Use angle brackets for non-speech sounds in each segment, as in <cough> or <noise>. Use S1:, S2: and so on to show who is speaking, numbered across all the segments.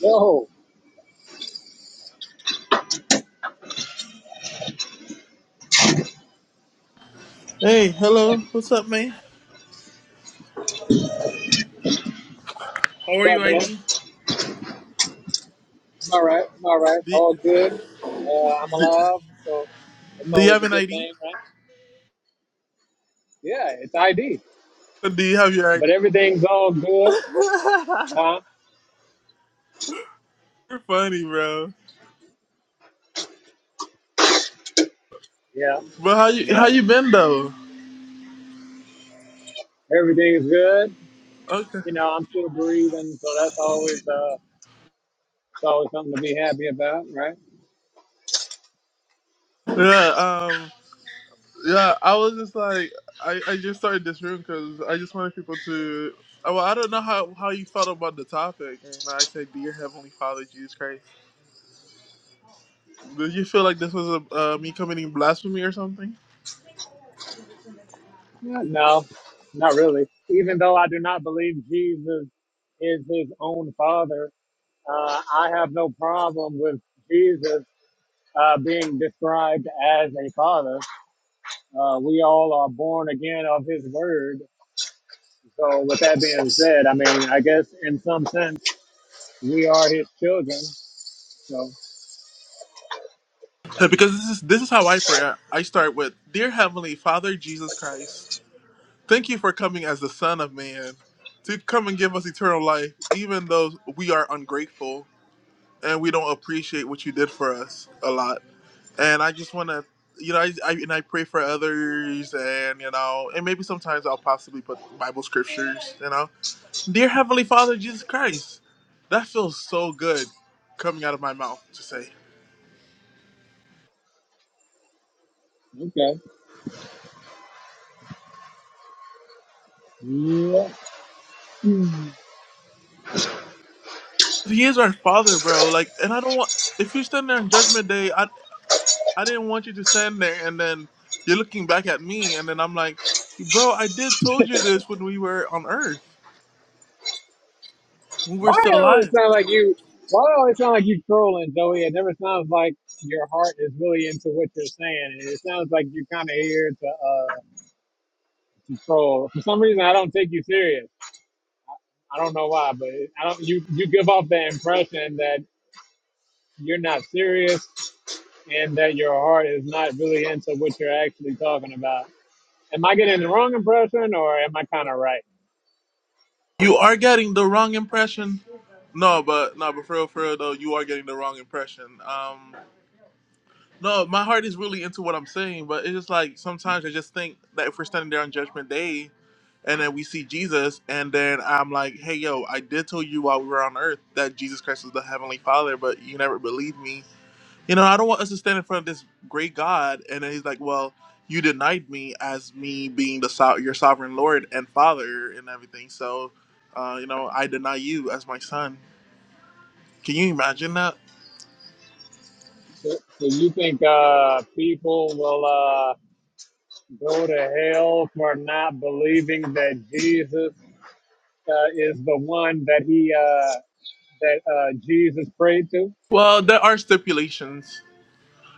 S1: Yo,
S2: Hey, hello. What's up, man? How
S1: What's
S2: are you,
S1: up, man?
S2: ID?
S1: I'm all right. I'm all right.
S2: Do,
S1: All good. Uh, I'm alive, so that's
S2: do you
S1: always
S2: have
S1: a
S2: an
S1: good
S2: ID?
S1: thing, right? Yeah, it's ID,
S2: Do you have your
S1: but
S2: ID?
S1: everything's all good, huh?
S2: You're funny, bro.
S1: Yeah,
S2: But how you how
S1: yeah.
S2: you been though?
S1: Everything's good.
S2: Okay.
S1: You know, I'm still breathing, so that's always uh, it's always something to be happy about, right?
S2: Yeah. Um. Yeah. I was just like, I, I just started this room because I just wanted people to. oh, Well, I don't know how how you felt about the topic, and I said, "Dear Heavenly Father, Jesus Christ." Did you feel like this was a, uh, me committing blasphemy or something?
S1: Yeah, no, not really. Even though I do not believe Jesus is his own father, uh, I have no problem with Jesus uh, being described as a father. Uh, we all are born again of His Word. So, with that being said, I mean, I guess in some sense, we are His children. So,
S2: Yeah, Because this is this is how I pray. I, I start with, "Dear Heavenly Father, Jesus Christ." Thank you for coming as the Son of Man to come and give us eternal life, even though we are ungrateful and we don't appreciate what you did for us a lot. And I just want to, you know, I, I and I pray for others, and you know, and maybe sometimes I'll possibly put Bible scriptures, you know. Dear Heavenly Father, Jesus Christ, that feels so good coming out of my mouth to say.
S1: okay. Yeah.
S2: He is our Father, bro. Like, and I don't want. If you stand there on Judgment Day, I. I didn't want you to stand there and then you're looking back at me and then I'm like, bro, I did told you this when we were on Earth. When we're
S1: Why
S2: still
S1: it always
S2: alive.
S1: sound like you? Why it always sound like you trolling, Joey? It never sounds like your heart is really into what you're saying. It sounds like you're kind of here to uh, troll. For some reason, I don't take you serious. I don't know why, but I don't. You you give off the impression that you're not serious and that your heart is not really into what you're actually talking about. Am I getting the wrong impression, or am I kind of right?
S2: You are getting the wrong impression. No, but no, but for real, for real though, you are getting the wrong impression. Um no, my heart is really into what I'm saying, but it's just like sometimes I just think that if we're standing there on judgment day and then we see Jesus and then I'm like, Hey yo, I did tell you while we were on earth that Jesus Christ was the heavenly father, but you never believed me You know, I don't want us to stand in front of this great God, and then he's like, "Well, you denied me as me being the so- your sovereign Lord and Father and everything. So, uh, you know, I deny you as my son." Can you imagine that?
S1: So, so you think uh, people will uh, go to hell for not believing that Jesus uh, is the one that he uh, that uh, Jesus prayed to?
S2: Well, there are stipulations.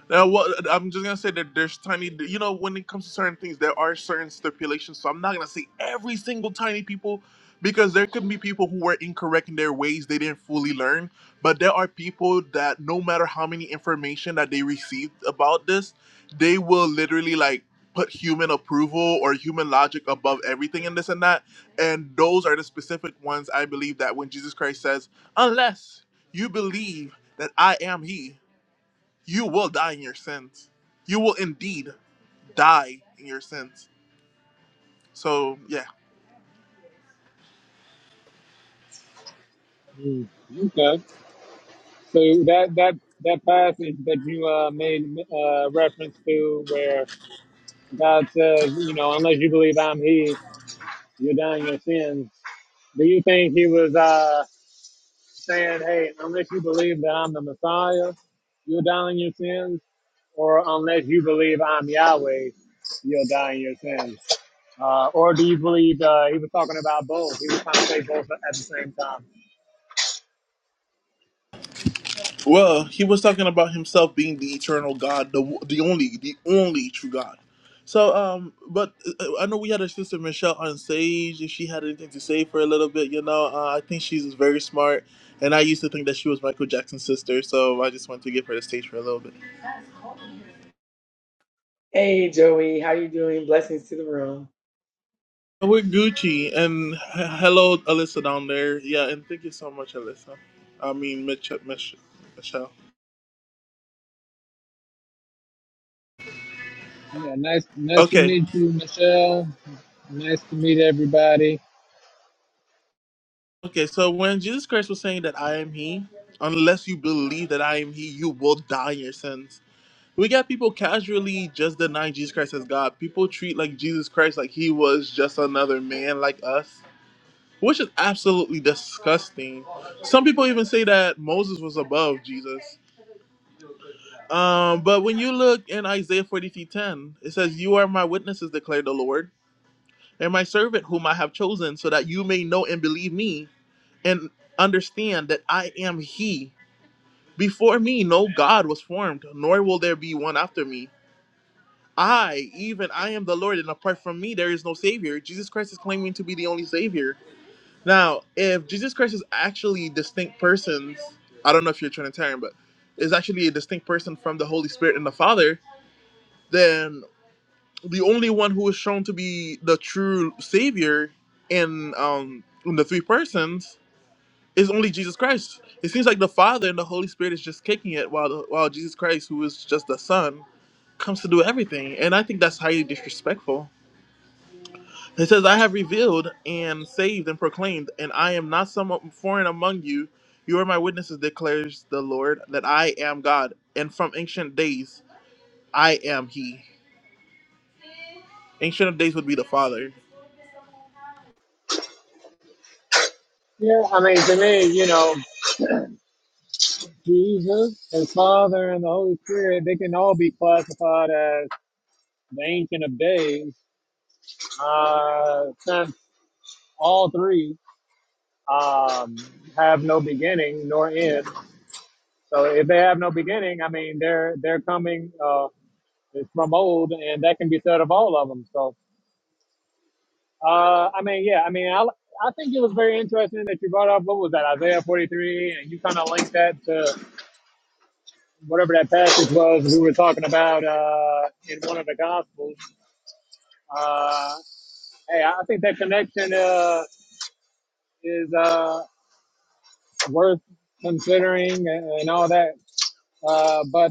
S2: Now, what I'm just gonna say that there's tiny, you know, when it comes to certain things, there are certain stipulations. So I'm not gonna say every single tiny people, because there could be people who were incorrect in their ways; they didn't fully learn. But there are people that, no matter how many information that they received about this, they will literally like put human approval or human logic above everything and this and that. And those are the specific ones I believe that when Jesus Christ says, "Unless you believe that I am He." you will die in your sins. You will indeed die in your sins. So yeah.
S1: Hmm, okay, so that that that passage that you uh, made uh, reference to, where God says, you know, unless you believe I'm He, you're dying in your sins Do you think he was uh, saying, hey, unless you believe that I'm the Messiah, you'll die in your sins? Or unless you believe I'm Yahweh, you'll die in your sins? Uh, or do you believe uh, he was talking about both? He was trying to say both at the same time.
S2: Well, he was talking about himself being the eternal God, the the only, the only true God. So um, but uh, I know we had our sister Michelle on stage. If she had anything to say for a little bit, you know, uh, I think she's very smart. And I used to think that she was Michael Jackson's sister, so I just wanted to give her the stage for a little bit.
S3: Hey Joey, how you doing? Blessings to the room.
S2: We're Gucci and h- hello, Alyssa down there. Yeah, and thank you so much, Alyssa. I mean, Mitch, Mich- Michelle.
S1: Yeah, nice nice to
S2: Okay,
S1: meet you, Michelle. Nice to meet everybody.
S2: okay. So when Jesus Christ was saying that I am He, unless you believe that I am He, you will die in your sins. We got people casually just denying Jesus Christ as God. People treat like Jesus Christ like He was just another man like us, which is absolutely disgusting. Some people even say that Moses was above Jesus. Um, but when you look in Isaiah 43 10, it says, You are my witnesses, declared the Lord, and my servant whom I have chosen, so that you may know and believe me and understand that I am He. Before me, no God was formed, nor will there be one after me. I, even I am the Lord, and apart from me, there is no Savior. Jesus Christ is claiming to be the only Savior. Now, if Jesus Christ is actually distinct persons, I don't know if you're Trinitarian, but is actually a distinct person from the Holy Spirit and the Father, then the only one who is shown to be the true savior in um in the three persons is only Jesus Christ. It seems like the Father and the Holy Spirit is just kicking it while the, while Jesus Christ, who is just the Son, comes to do everything. And I think that's highly disrespectful. It says, "I have revealed and saved and proclaimed, and I am not some foreign among you. You are my witnesses," declares the Lord, "that I am God, and from ancient days I am He." Ancient of days would be the Father
S1: Yeah, I mean, to me, you know, Jesus, His Father, and the Holy Spirit, they can all be classified as the Ancient of Days, uh, since all three um, have no beginning nor end. So if they have no beginning, I mean they're they're coming uh, from old, and that can be said of all of them. So uh, I mean, yeah, I mean I I think it was very interesting that you brought up what was that Isaiah forty three, and you kind of linked that to whatever that passage was we were talking about uh, in one of the gospels. Uh, hey, I think that connection uh, is uh, worth considering and, and all that. Uh, but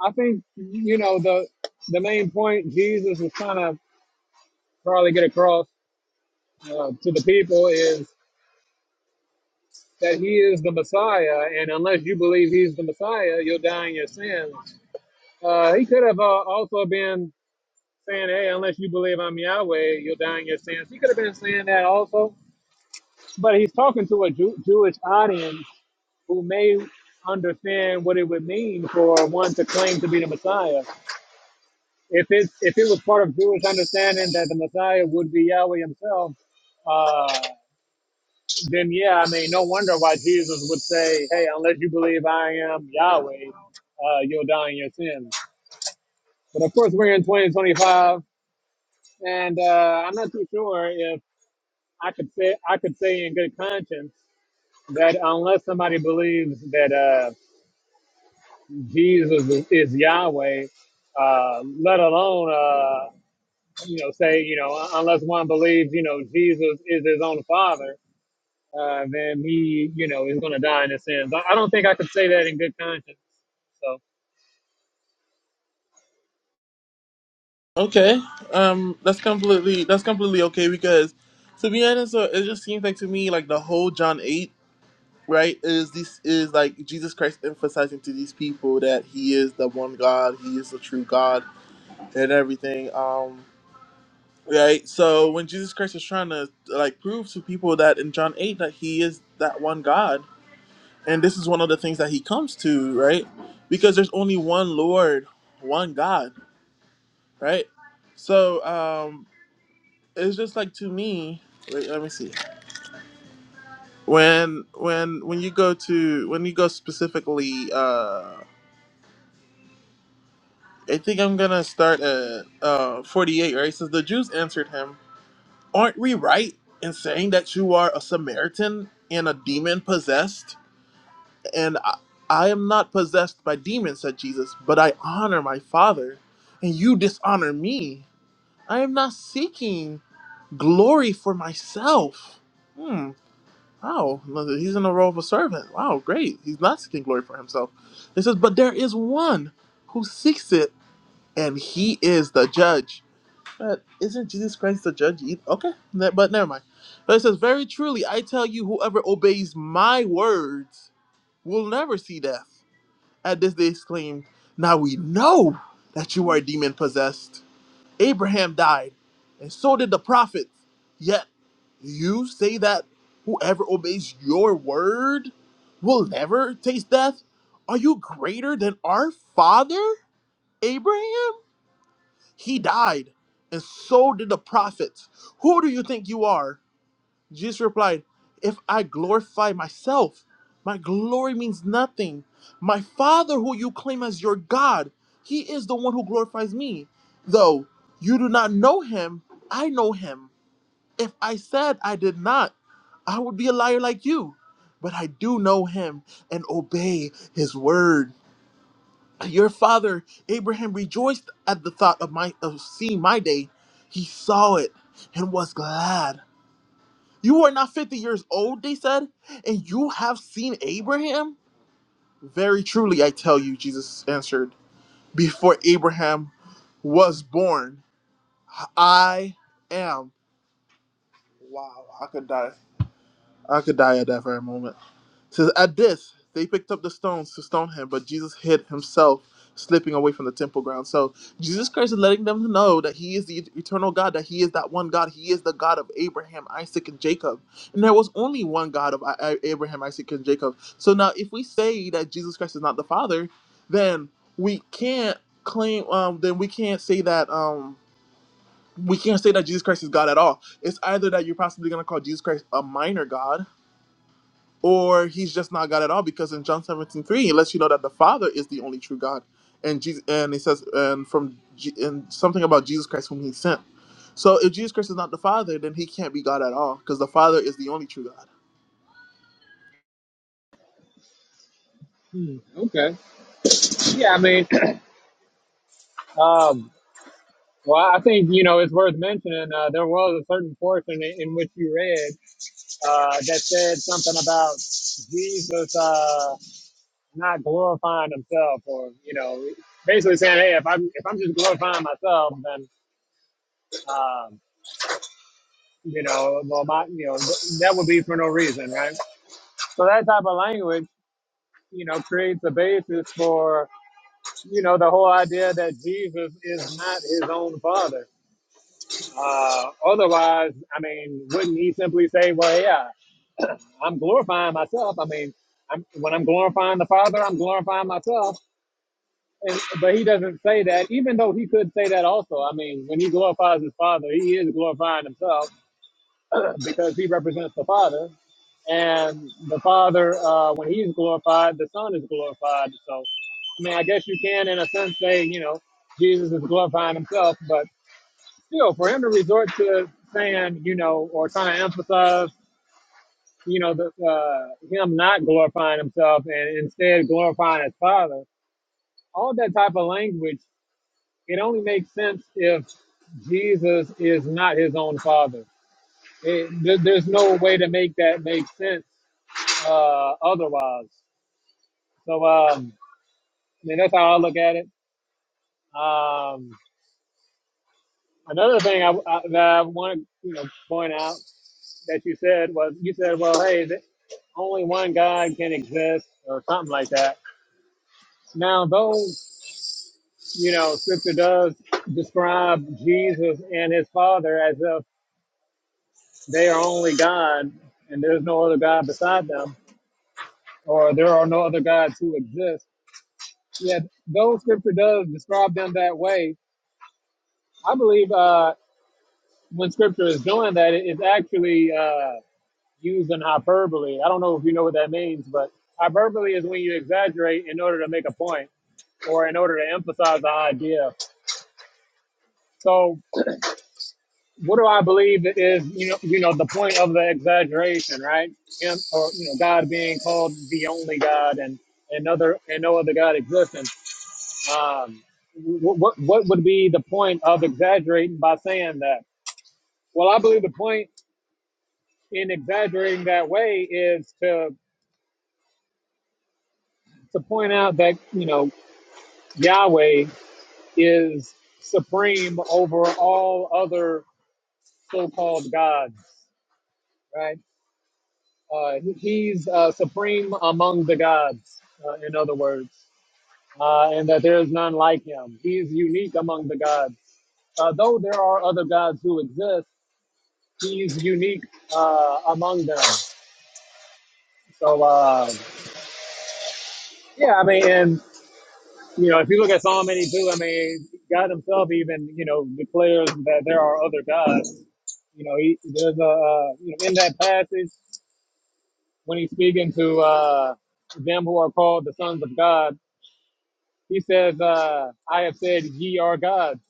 S1: I think you know the the main point Jesus was trying to probably get across uh, to the people is that he is the Messiah, and unless you believe he's the Messiah, you'll die in your sins. Uh, he could have uh, also been saying, "Hey, unless you believe I'm Yahweh, you'll die in your sins." He could have been saying that also, but he's talking to a Jew- Jewish audience who may understand what it would mean for one to claim to be the Messiah. if it if it was part of Jewish understanding that the Messiah would be Yahweh Himself, uh, then yeah, I mean, no wonder why Jesus would say, "Hey, unless you believe I am Yahweh, uh, you'll die in your sins." But of course, we're in 2025, and uh, I'm not too sure if I could say I could say in good conscience that unless somebody believes that uh, Jesus is Yahweh, uh, let alone uh, you know, say, you know, unless one believes, you know, Jesus is his own father, uh, then he, you know, is going to die in his sins. I, I don't think I could say that in good conscience. So,
S2: Okay, um, that's completely that's completely okay because, to be honest, uh, it just seems like to me like the whole John eight right is this is like Jesus Christ emphasizing to these people that he is the one God, he is the true God, and everything. Um, right. So when Jesus Christ is trying to like prove to people that in John eight that he is that one God, and this is one of the things that he comes to, right? Because there's only one Lord, one God, right? So, um, it's just like to me wait let me see when when when you go to when you go specifically uh i think i'm gonna start at uh 48 right It says the jews answered him aren't we right in saying that you are a samaritan and a demon possessed and i, I am not possessed by demons said jesus but i honor my father and you dishonor me i am not seeking glory for myself Hmm. Wow, no, he's in the role of a servant. Wow, great. He's not seeking glory for himself. It says, but there is one who seeks it, and he is the judge. But isn't Jesus Christ the judge? either? Okay, ne- but never mind. But it says, very truly, I tell you, whoever obeys my words will never see death. At this they exclaimed, now we know that you are demon possessed. Abraham died, and so did the prophets. Yet you say that whoever obeys your word will never taste death? Are you greater than our father, Abraham? He died, and so did the prophets. Who do you think you are? Jesus replied, If I glorify myself, my glory means nothing. My Father, who you claim as your God, he is the one who glorifies me. Though you do not know him, I know him. If I said I did not, I would be a liar like you. But I do know him and obey his word. Your father Abraham rejoiced at the thought of my of seeing my day. He saw it and was glad. You are not 50 years old, they said, and you have seen Abraham? Very truly, I tell you, Jesus answered, before Abraham was born, I am. Wow, I could die. I could die at that very moment. It says, At this, they picked up the stones to stone him, but Jesus hid himself, slipping away from the temple ground. So Jesus Christ is letting them know that he is the eternal God, that he is that one God. He is the God of Abraham, Isaac, and Jacob. And there was only one God of I- I- Abraham, Isaac, and Jacob. So now, if we say that Jesus Christ is not the Father, then we can't claim, um, then we can't say that. Um, we can't say that Jesus Christ is God at all. It's either that you're possibly going to call Jesus Christ a minor God, or he's just not God at all because in John seventeen three, 3 it lets you know that the Father is the only true God and Jesus and it says and from G, and something about Jesus Christ whom he sent so if Jesus Christ is not the Father then he can't be God at all because the Father is the only true God
S1: hmm, okay. Yeah, I mean, <clears throat> um, well, I think, you know, it's worth mentioning uh, there was a certain portion in, in which you read uh, that said something about Jesus uh, not glorifying himself or, you know, basically saying, hey, if I'm, if I'm just glorifying myself, then. uh, you know, well, my, you know, th- that would be for no reason, right? So that type of language, you know, creates a basis for, you know, the whole idea that Jesus is not his own father. Uh, otherwise, I mean, wouldn't he simply say, well, yeah, I'm glorifying myself. I mean, I'm, when I'm glorifying the Father, I'm glorifying myself. And, but he doesn't say that, even though he could say that also. I mean, when he glorifies his Father, he is glorifying himself <clears throat> because he represents the Father, and the Father, uh, when He's glorified, the Son is glorified. So, I mean, I guess you can, in a sense, say you know Jesus is glorifying Himself, but still, for Him to resort to saying you know or trying to emphasize you know the, uh, Him not glorifying Himself and instead glorifying His Father, all that type of language, it only makes sense if Jesus is not His own Father. It, there, there's no way to make that make sense uh, otherwise. So, um, I mean, that's how I look at it. Um, another thing I, I, that I want to you know, point out that you said was you said, well, hey, th- only one God can exist or something like that. Now, though, you know, scripture does describe Jesus and his father as if they are only God and there's no other God beside them or there are no other gods who exist. Yet, though scripture does describe them that way, I believe. Uh, when scripture is doing that, it- it's actually uh, using hyperbole. I don't know if you know what that means, but hyperbole is when you exaggerate in order to make a point or in order to emphasize the idea. So, what do I believe is you know you know the point of the exaggeration, right? Him or you know God being called the only God and another and no other God existing. Um, what, what what would be the point of exaggerating by saying that? Well, I believe the point in exaggerating that way is to to point out that you know Yahweh is supreme over all other so-called gods, right? Uh, he's uh, supreme among the gods, uh, in other words, uh, and that there is none like him. He's unique among the gods. Uh, though there are other gods who exist, he's unique uh, among them. So uh, yeah, I mean, and you know, if you look at Psalm 82, I mean, God Himself even, you know, declares that there are other gods. You know, he, there's a, uh, you know, in that passage when he's speaking to uh, them who are called the sons of God, he says, uh, "I have said, ye are gods."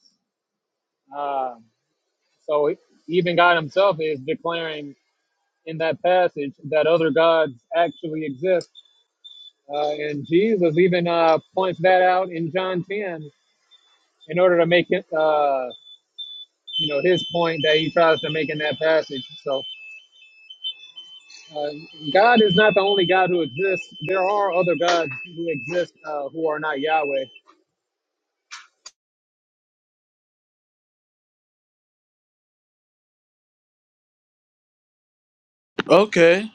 S1: Uh, so even God Himself is declaring in that passage that other gods actually exist, uh, and Jesus even uh, points that out in John 10 in order to make it. Uh, you know his point that he tries to make in that passage. So uh, God is not the only God who exists. There are other gods who exist uh, who are not Yahweh.
S2: okay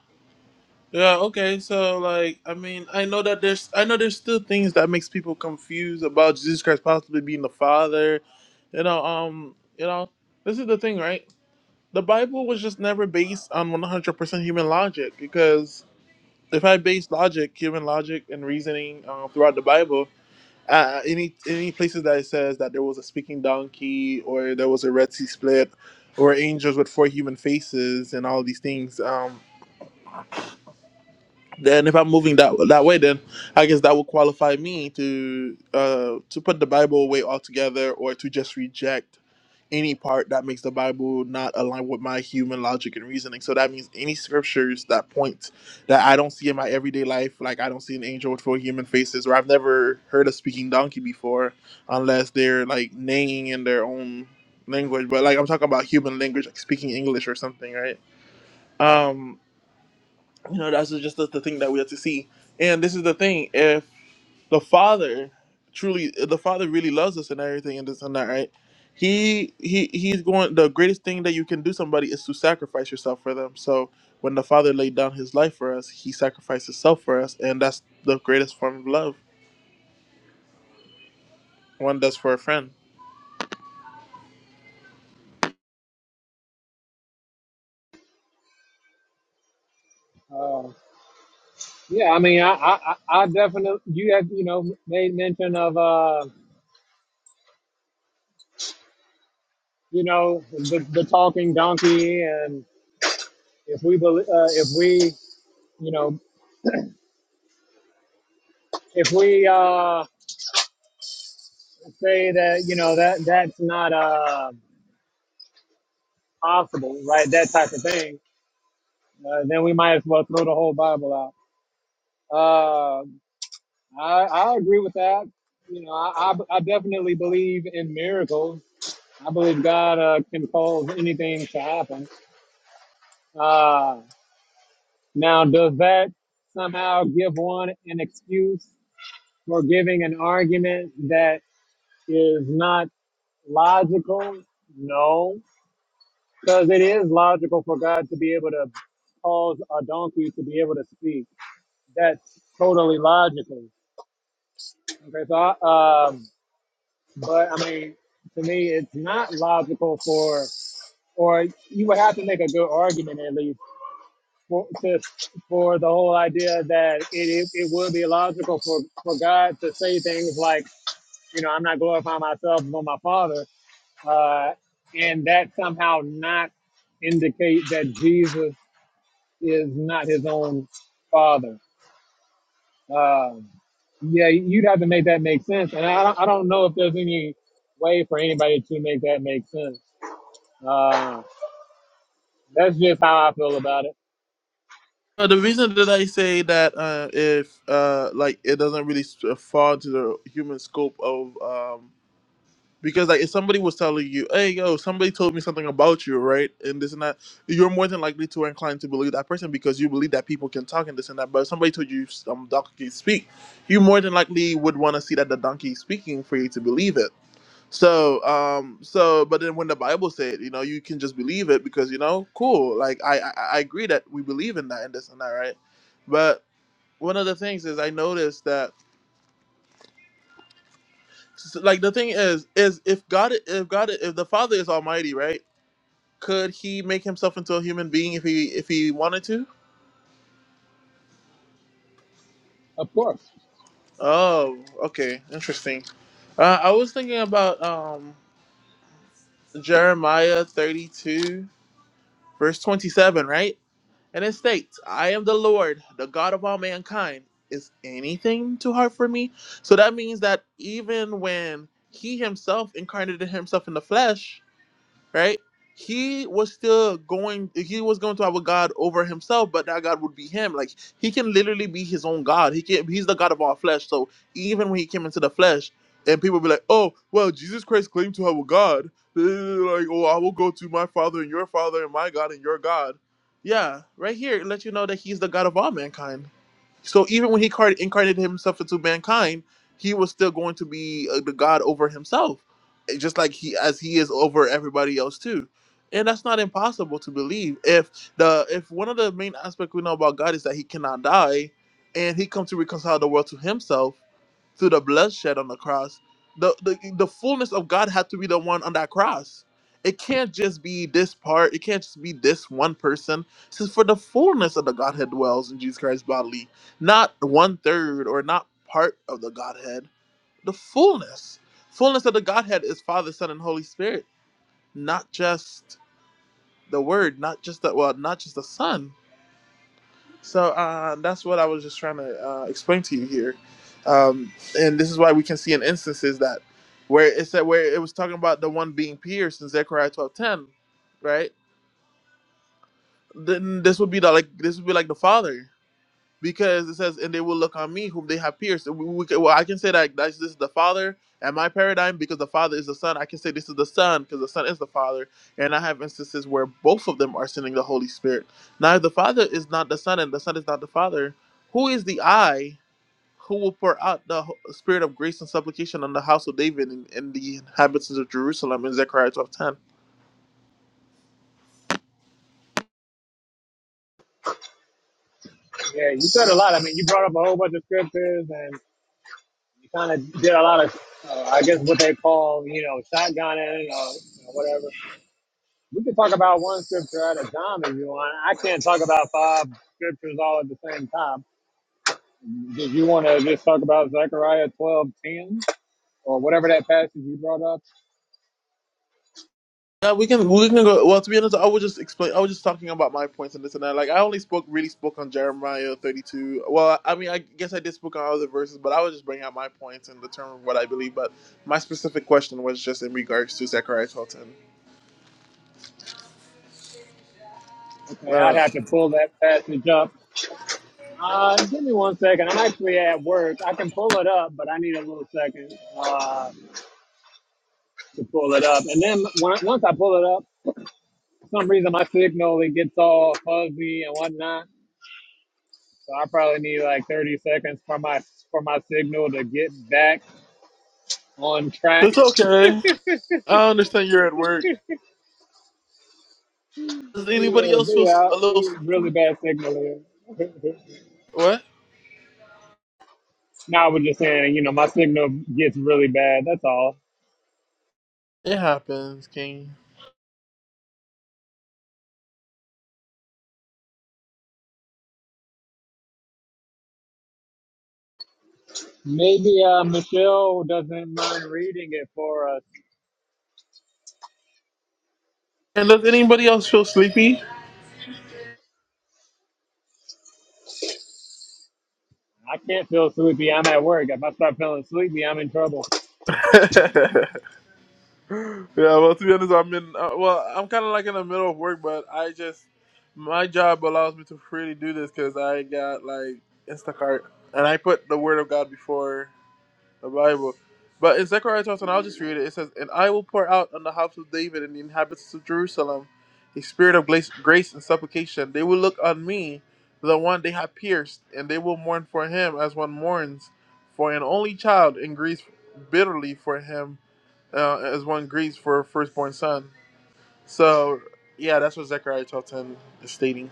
S2: yeah okay so like I mean I know that there's I know there's still things that makes people confused about Jesus Christ possibly being the Father you know um you know this is the thing right the Bible was just never based on 100% human logic because if I base logic, human logic and reasoning uh, throughout the Bible, uh, any any places that it says that there was a speaking donkey or there was a Red Sea split or angels with four human faces and all these things, um, then if I'm moving that that way, then I guess that would qualify me to uh, to put the Bible away altogether or to just reject any part that makes the Bible not align with my human logic and reasoning. So that means any scriptures that point that I don't see in my everyday life, like I don't see an angel with four human faces, or I've never heard a speaking donkey before, unless they're like neighing in their own language. But like I'm talking about human language, like speaking English or something, right? Um, you know, that's just the, the thing that we have to see. And this is the thing. if the father truly the father really loves us and everything and this and that right he he he's going the greatest thing that you can do somebody is to sacrifice yourself for them so when the father laid down his life for us he sacrificed himself for us and that's the greatest form of love one does for a friend
S1: Uh, yeah, I mean, I, I, I definitely you have you know made mention of uh, you know the, the talking donkey, and if we believe, uh, if we you know if we uh, say that you know that that's not uh, possible, right? That type of thing. Uh, then we might as well throw the whole Bible out Uh, I, I agree with that. You know, I, I, I definitely believe in miracles. I believe God uh, can cause anything to happen. Uh, now, does that somehow give one an excuse for giving an argument that is not logical? No, because it is logical for God to be able to cause a donkey to be able to speak. That's totally logical. Okay, so I, um, But I mean, to me, it's not logical for, or you would have to make a good argument at least for just for the whole idea that it, it, it would be logical for, for God to say things like, you know, I'm not glorifying myself but my Father, uh, and that somehow not indicate that Jesus is not His own Father. Um, yeah, you'd have to make that make sense, and I don't, I don't know if there's any way for anybody to make that make sense. Uh, that's just how I feel about it.
S2: Uh, the reason that i say that uh, if uh, like it doesn't really s- uh, fall into the human scope of um, Because like if somebody was telling you, hey yo, somebody told me something about you, right? And this and that, you're more than likely to inclined to believe that person because you believe that people can talk and this and that. But if somebody told you some donkey speak, you more than likely would want to see that the donkey is speaking for you to believe it. So um so but then when the Bible said, you know, you can just believe it because you know, cool. Like I I, I agree that we believe in that and this and that, right? But one of the things is I noticed that like the thing is is if God if God if the Father is almighty, right? Could he make himself into a human being if he if he wanted to?
S1: Of course.
S2: Oh, okay, interesting. Uh, I was thinking about um, Jeremiah thirty two verse twenty seven, right? And it states, "I am the Lord, the God of all mankind. Is anything too hard for me?" So that means that even when he himself incarnated himself in the flesh, right? He was still going, he was going to have a God over himself, but that God would be him. Like he can literally be his own God. He can he's the God of all flesh. So even when he came into the flesh, and people be like, Oh, well, Jesus Christ claimed to have a God. <laughs> Like, oh, I will go to my father and your father and my God and your God. Yeah, right here it lets you know that he's the God of all mankind. So even when he card- incarnated himself into mankind, he was still going to be uh, the God over himself, eh, just like he as he is over everybody else too. And that's not impossible to believe. If the if one of the main aspects we know about God is that he cannot die, and he comes to reconcile the world to himself through the bloodshed on the cross, the, the the fullness of God had to be the one on that cross. It can't just be this part. It can't just be this one person. Since for the fullness of the Godhead dwells in Jesus Christ bodily not one third or not part of the Godhead, the fullness. Fullness of the Godhead is Father, Son, and Holy Spirit, not just the Word, not just the well, not just the Son. So uh, that's what I was just trying to uh, explain to you here, um, and this is why we can see in instances that where it said where it was talking about the one being pierced in Zechariah twelve ten, right? Then this would be the like this would be like the Father because it says, "And they will look on me, whom they have pierced." We, we well, I can say that that's, this is the Father and my paradigm because the Father is the Son. I can say this is the Son because the Son is the Father, and I have instances where both of them are sending the Holy Spirit. Now, if the Father is not the Son and the Son is not the Father, who is the I who will pour out the ho- Spirit of grace and supplication on the house of David and, and the inhabitants of Jerusalem in Zechariah 12:10?
S1: Yeah, you said a lot. I mean, you brought up a whole bunch of scriptures and you kind of did a lot of, uh, I guess, what they call, you know, shotgunning or you know, whatever. We can talk about one scripture at a time if you want. I can't talk about five scriptures all at the same time. Did you want to just talk about Zechariah twelve ten or whatever that passage you brought up?
S2: Yeah, we can we can go. Well, to be honest, I was just explain. I was just talking about my points and this and that. Like, I only spoke really spoke on Jeremiah thirty two. Well, I mean, I guess I did speak on other verses, but I was just bringing out my points in the term of what I believe. But my specific question was just in regards to Zechariah Fulton.
S1: Okay, I'd
S2: Uh,
S1: have to pull that passage up Uh, give me one second. I'm actually at work. I can pull it up, but I need a little second uh, to pull it up. And then when, once I pull it up, for some reason my signal it gets all fuzzy and whatnot. So I probably need like 30 seconds for my for my signal to get back on track.
S2: it's okay.
S1: <laughs>
S2: I understand you're at work. Does anybody
S1: Yeah,
S2: else feel s-
S1: yeah,
S2: a little?
S1: it's
S2: Sleepy?
S1: really bad signal here.
S2: What?
S1: <laughs> no, I was just saying, you know, my signal gets really bad. That's all.
S2: It happens, King.
S1: Maybe uh, Michelle doesn't mind reading it for us.
S2: And does anybody else feel sleepy?
S1: I can't feel sleepy. I'm at work. If I start feeling sleepy, I'm in trouble.
S2: <laughs> Yeah, well, to be honest, I'm in. Uh, well, I'm kind of like in the middle of work, but I just my job allows me to freely do this because I got like Instacart, and I put the Word of God before the Bible. But in Zechariah 12, and I'll just read it. It says, "And I will pour out on the house of David and the inhabitants of Jerusalem a spirit of grace, grace and supplication. They will look on me, the one they have pierced, and they will mourn for him as one mourns for an only child, and grieves bitterly for him." uh, as one grieves for a firstborn son. So yeah, that's what Zechariah 12:10 is stating.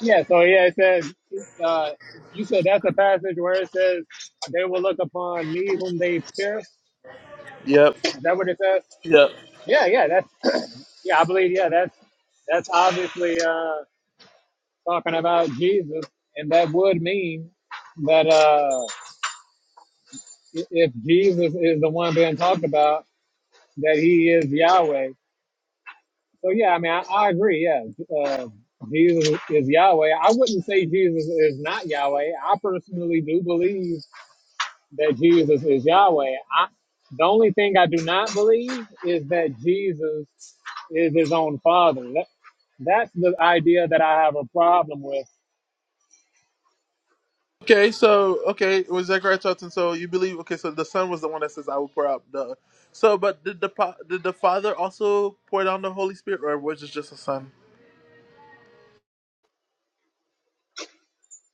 S1: Yeah, so yeah, it says, uh, you said that's a passage where it says, they will look upon me whom they pierced.
S2: Yep.
S1: Is that what it says?
S2: Yep.
S1: Yeah, yeah, that's, <clears throat> yeah, I believe, yeah, that's, that's obviously, uh, talking about Jesus. And that would mean that, uh, i- if Jesus is the one being talked about, that he is Yahweh. So yeah, I mean, I, I agree. Yeah, uh, Jesus is Yahweh. I wouldn't say Jesus is not Yahweh. I personally do believe that Jesus is Yahweh. I, the only thing I do not believe is that Jesus is his own father. That, that's the idea that I have a problem with.
S2: Okay, so okay, with Zechariah 12:10, so you believe okay, so the son was the one that says, "I will pour out the." So, but did the pa- did the father also pour down the Holy Spirit, or was it just the son?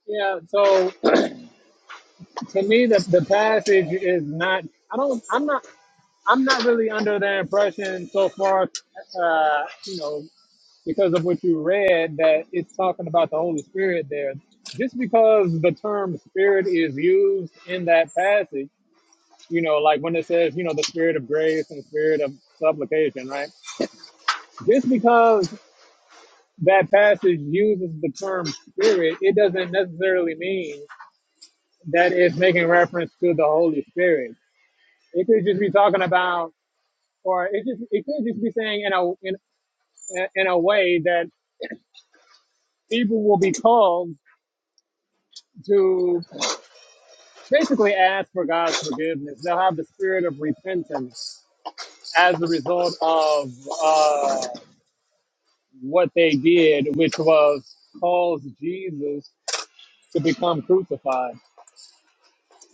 S1: Yeah. So to me, the the passage is not. I don't. I'm not. I'm not really under the impression so far. Uh, you know. because of what you read that it's talking about the Holy Spirit there. Just because the term spirit is used in that passage, you know, like when it says, you know, the spirit of grace and spirit of supplication, right? Just because that passage uses the term spirit, it doesn't necessarily mean that it's making reference to the Holy Spirit. It could just be talking about, or it just it could just be saying in a in, in a way that people will be called to. basically ask for God's forgiveness. They'll have the spirit of repentance as a result of uh, what they did, which was cause Jesus to become crucified.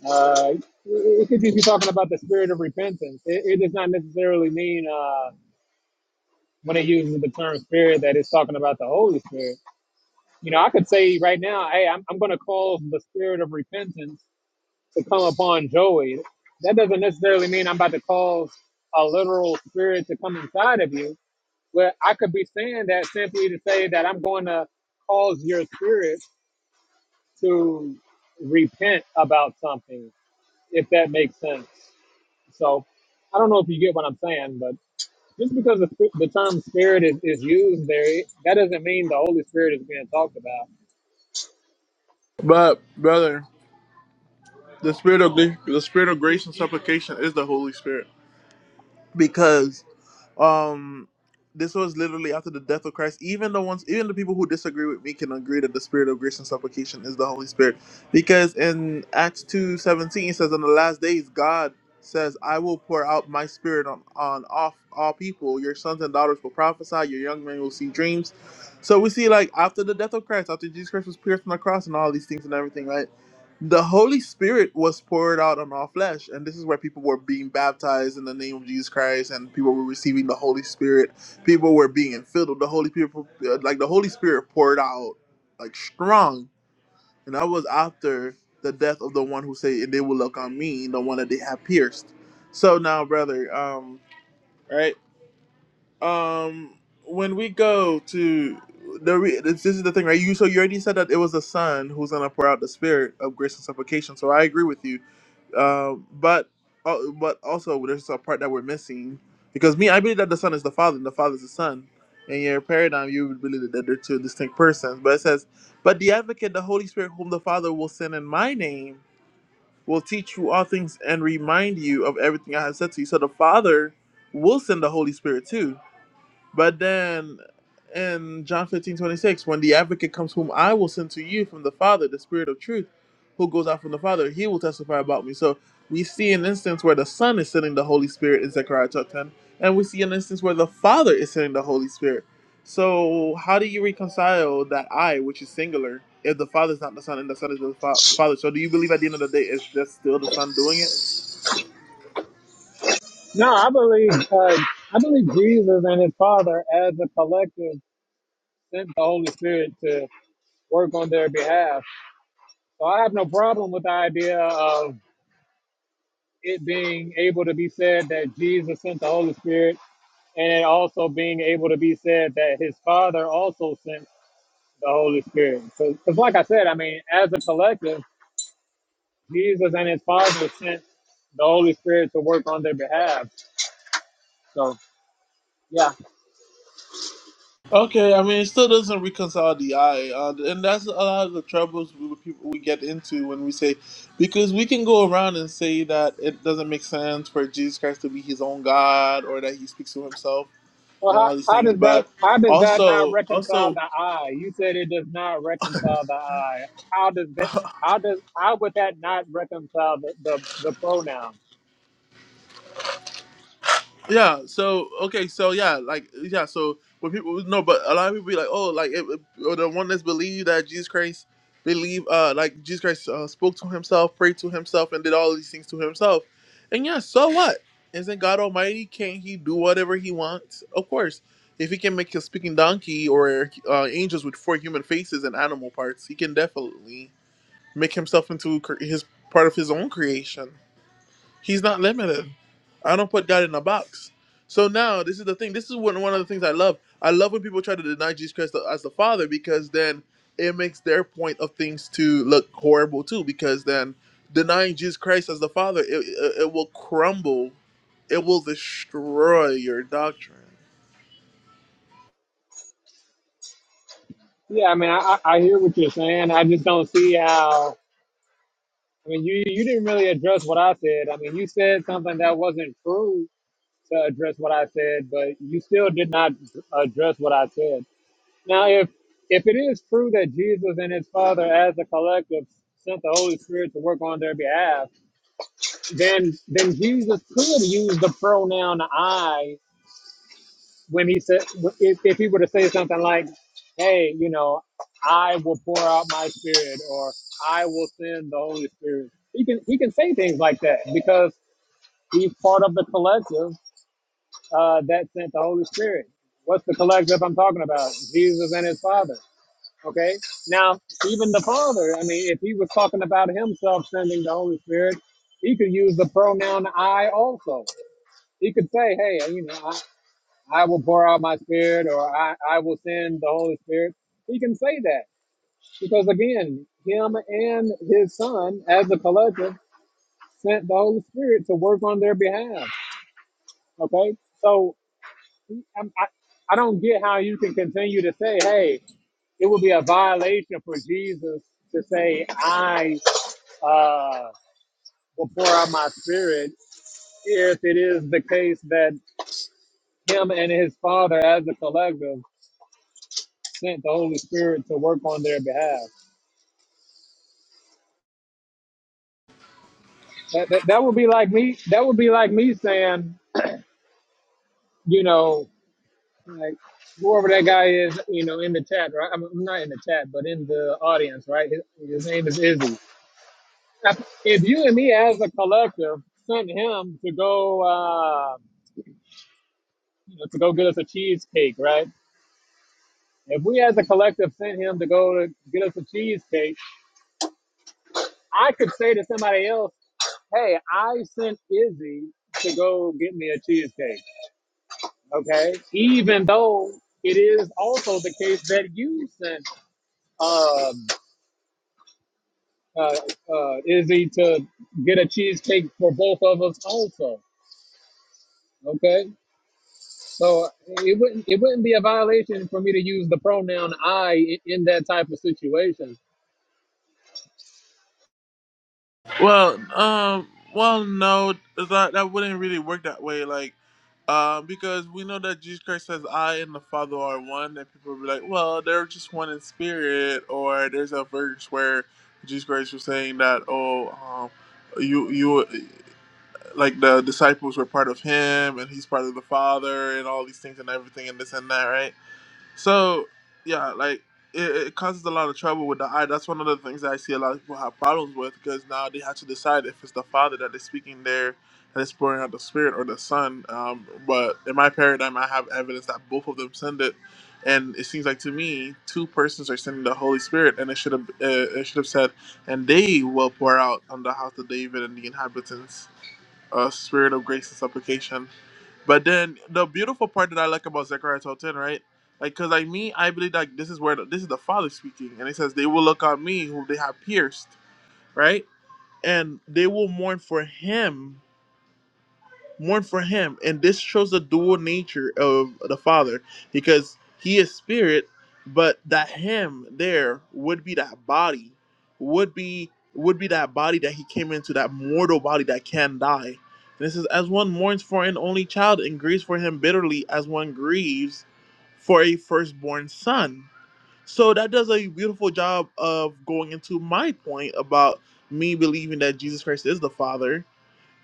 S1: Uh, it could just be talking about the spirit of repentance. It, it does not necessarily mean uh, when it uses the term spirit that it's talking about the Holy Spirit. You know, I could say right now, hey, I'm, I'm going to cause the spirit of repentance to come upon Joey, that doesn't necessarily mean I'm about to cause a literal spirit to come inside of you. But I could be saying that simply to say that I'm going to cause your spirit to repent about something, if that makes sense. So I don't know if you get what I'm saying, but just because the, the term spirit is, is used there, it- that doesn't mean the Holy Spirit is being talked about.
S2: But brother, the spirit of the spirit of grace and supplication is the Holy Spirit because Um, this was literally after the death of Christ. Even the ones, even the people who disagree with me can agree that the Spirit of grace and supplication is the Holy Spirit, because in Acts two seventeen it says, "In the last days, God says, I will pour out my Spirit on on off all people. Your sons and daughters will prophesy. Your young men will see dreams." So we see, like after the death of Christ, after Jesus Christ was pierced on the cross and all these things and everything, right? the Holy Spirit was poured out on all flesh, and this is where people were being baptized in the name of Jesus Christ, and people were receiving the Holy Spirit. People were being filled with the Holy people, uh, like the Holy Spirit poured out like strong. And that was after the death of the one who said, "And they will look on me, the one that they have pierced." So now, brother, um, right, um, when we go to the re- this, this is the thing, right? You so you already said that it was the Son who's gonna pour out the Spirit of grace and supplication. So I agree with you um, but oh, but also there's a part that we're missing because me, I believe that the son is the father and the father is the son. In your paradigm, you would believe that they're two distinct persons. But it says, "But the Advocate, the Holy Spirit, whom the Father will send in my name, will teach you all things and remind you of everything I have said to you." So the Father will send the Holy Spirit too but then in John 15 26, when the advocate comes, whom I will send to you from the Father, the Spirit of truth, who goes out from the Father, he will testify about me. So we see an instance where the Son is sending the Holy Spirit in Zechariah chapter 10, and we see an instance where the Father is sending the Holy Spirit. So how do you reconcile that I, which is singular, if the Father is not the Son and the Son is not the Fa- Father? So do you believe at the end of the day it's just still the Son doing it?
S1: No, I believe uh, I believe Jesus and His Father as a collective sent the Holy Spirit to work on their behalf. So I have no problem with the idea of it being able to be said that Jesus sent the Holy Spirit and it also being able to be said that his father also sent the Holy Spirit. Because, like I said, I mean, as a collective, Jesus and his father sent the Holy Spirit to work on their behalf. So, yeah.
S2: Okay, I mean, it still doesn't reconcile the eye, uh, and that's a lot of the troubles we people we get into when we say, because we can go around and say that it doesn't make sense for Jesus Christ to be his own God or that he speaks to himself
S1: Well,
S2: and
S1: how,
S2: all these
S1: how
S2: things,
S1: does that
S2: but
S1: how does that not
S2: also,
S1: reconcile
S2: also
S1: the eye? You said it does not reconcile the eye. How does that how does how would that not reconcile the the, the pronoun?
S2: Yeah. So okay. So yeah, like yeah. So when people no, but a lot of people be like, oh, like it, it- or the one that's believe that Jesus Christ believe, uh, like Jesus Christ uh, spoke to himself, prayed to himself, and did all these things to himself. And yeah, so what? Isn't God Almighty? Can't He do whatever He wants? Of course. If He can make a speaking donkey or uh, angels with four human faces and animal parts, He can definitely make Himself into cre- His part of His own creation. He's not limited. I don't put God in a box. So now this is the thing. This is one one of the things I love. I love when people try to deny Jesus Christ as the Father because then it makes their point of things to look horrible too. Because then denying Jesus Christ as the Father, it, it, it will crumble. It will destroy your doctrine.
S1: Yeah, I mean, I, I I hear what you're saying. I just don't see how. I mean, you you didn't really address what I said. I mean, you said something that wasn't true to address what I said, but you still did not address what I said. Now, if if it is true that Jesus and His Father, as a collective, sent the Holy Spirit to work on their behalf then then Jesus could use the pronoun I when he said if, if he were to say something like, "Hey, you know, I will pour out my spirit," or "I will send the Holy Spirit." He can he can say things like that because he's part of the collective uh, that sent the Holy Spirit. What's the collective I'm talking about? Jesus and His Father. Okay. Now, even the Father. I mean, if he was talking about himself sending the Holy Spirit, he could use the pronoun I also He could say, hey, uh, you know, I, I will pour out my spirit or I, I will send the Holy Spirit. He can say that because, again, him and his son as a collective sent the Holy Spirit to work on their behalf. Okay. So I'm, I, I don't get how you can continue to say, hey, it would be a violation for Jesus to say, I uh, will pour out my spirit if it is the case that him and his father as a collective sent the Holy Spirit to work on their behalf. That, that, that would be like me. That would be like me saying, you know, like whoever that guy is, you know, in the chat, right? I'm I'm not in the chat, but in the audience, right? His, his name is Izzy. If if you and me as a collective sent him to go, uh, you know, to go get us a cheesecake, right? If we as a collective sent him to go to get us a cheesecake, I could say to somebody else, hey, I sent Izzy to go get me a cheesecake. okay? Even though it is also the case that you sent um, uh, uh, Izzy to get a cheesecake for both of us also, okay? So it wouldn't it wouldn't be a violation for me to use the pronoun I in, in that type of situation.
S2: Well, um, well, no, that that wouldn't really work that way. Like, um, because we know that Jesus Christ says, "I and the Father are one," and people will be like, "Well, they're just one in spirit," or there's a verse where Jesus Christ was saying that, "Oh, um, you you like the disciples were part of Him, and He's part of the Father, and all these things and everything and this and that, right?" So yeah, like it, it causes a lot of trouble with the eye. That's one of the things that I see a lot of people have problems with because now they have to decide if it's the Father that is speaking there and it's pouring out the Spirit or the Son. Um, but in my paradigm, I have evidence that both of them send it, and it seems like to me two persons are sending the Holy Spirit, and it should have uh, it should have said, and they will pour out on the house of David and the inhabitants a spirit of grace and supplication. But then the beautiful part that I like about Zechariah twelve 10, right? Like, cause like me, I believe that this is where the, this is the Father speaking, and it says they will look on me who they have pierced, right? And they will mourn for him mourn for him. And this shows the dual nature of the Father because he is spirit, but that him there would be that body, would be would be that body that he came into, that mortal body that can die. And it says, as one mourns for an only child and grieves for him bitterly, as one grieves for a firstborn son. So that does a beautiful job of going into my point about me believing that Jesus Christ is the Father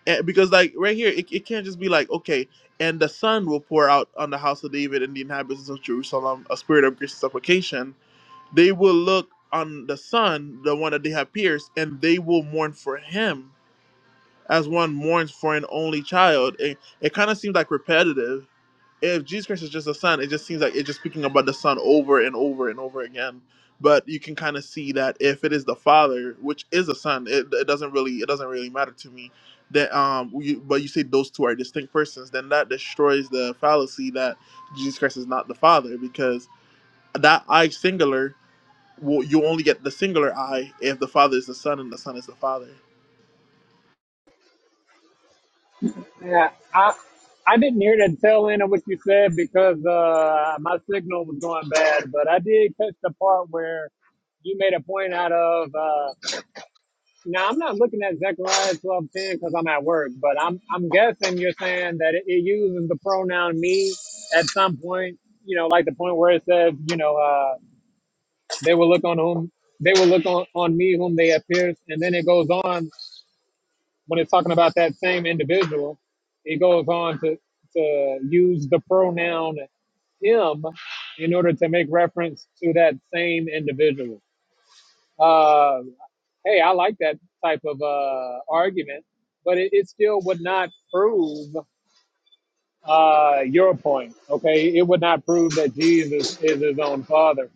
S2: and because like right here, it, it can't just be like, okay, and the sun will pour out on the house of David and the inhabitants of Jerusalem a spirit of grace and supplication. They will look on the son, the one that they have pierced, and they will mourn for him as one mourns for an only child. It, it kind of seems like repetitive if Jesus Christ is just the Son, it just seems like it's just speaking about the Son over and over and over again. But you can kind of see that if it is the Father, which is the Son, it, it doesn't really it doesn't really matter to me. That um, you, but you say those two are distinct persons, then that destroys the fallacy that Jesus Christ is not the Father because that I singular, well, you only get the singular I if the Father is the Son and the Son is the Father.
S1: Yeah, I I didn't hear the tail end of what you said because uh, my signal was going bad, but I did catch the part where you made a point out of. Now I'm not looking at Zechariah twelve ten because I'm at work, but I'm I'm guessing you're saying that it, it uses the pronoun me at some point. You know, like the point where it says, you know, uh, they will look on whom they will look on, on me whom they have pierced, and then it goes on when it's talking about that same individual. It goes on to to use the pronoun him in order to make reference to that same individual. Uh, hey, I like that type of uh, argument, but it, it still would not prove uh, your point. Okay, it would not prove that Jesus is his own father.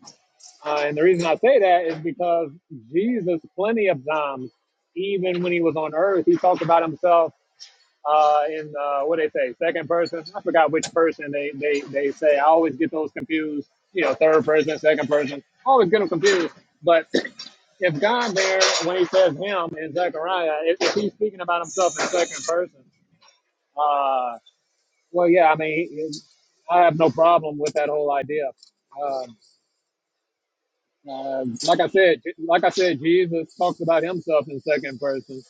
S1: Uh, and the reason I say that is because Jesus, plenty of times, even when he was on earth, he talked about himself uh, in uh, what they say, second person. I forgot which person they, they, they say. I always get those confused. You know, third person, second person. I Always get them confused. But if God there, when he says him in Zechariah, if, if he's speaking about himself in second person, uh, well, yeah, I mean, he, he- I have no problem with that whole idea. Um uh, like I said, like I said, Jesus talks about himself in second person,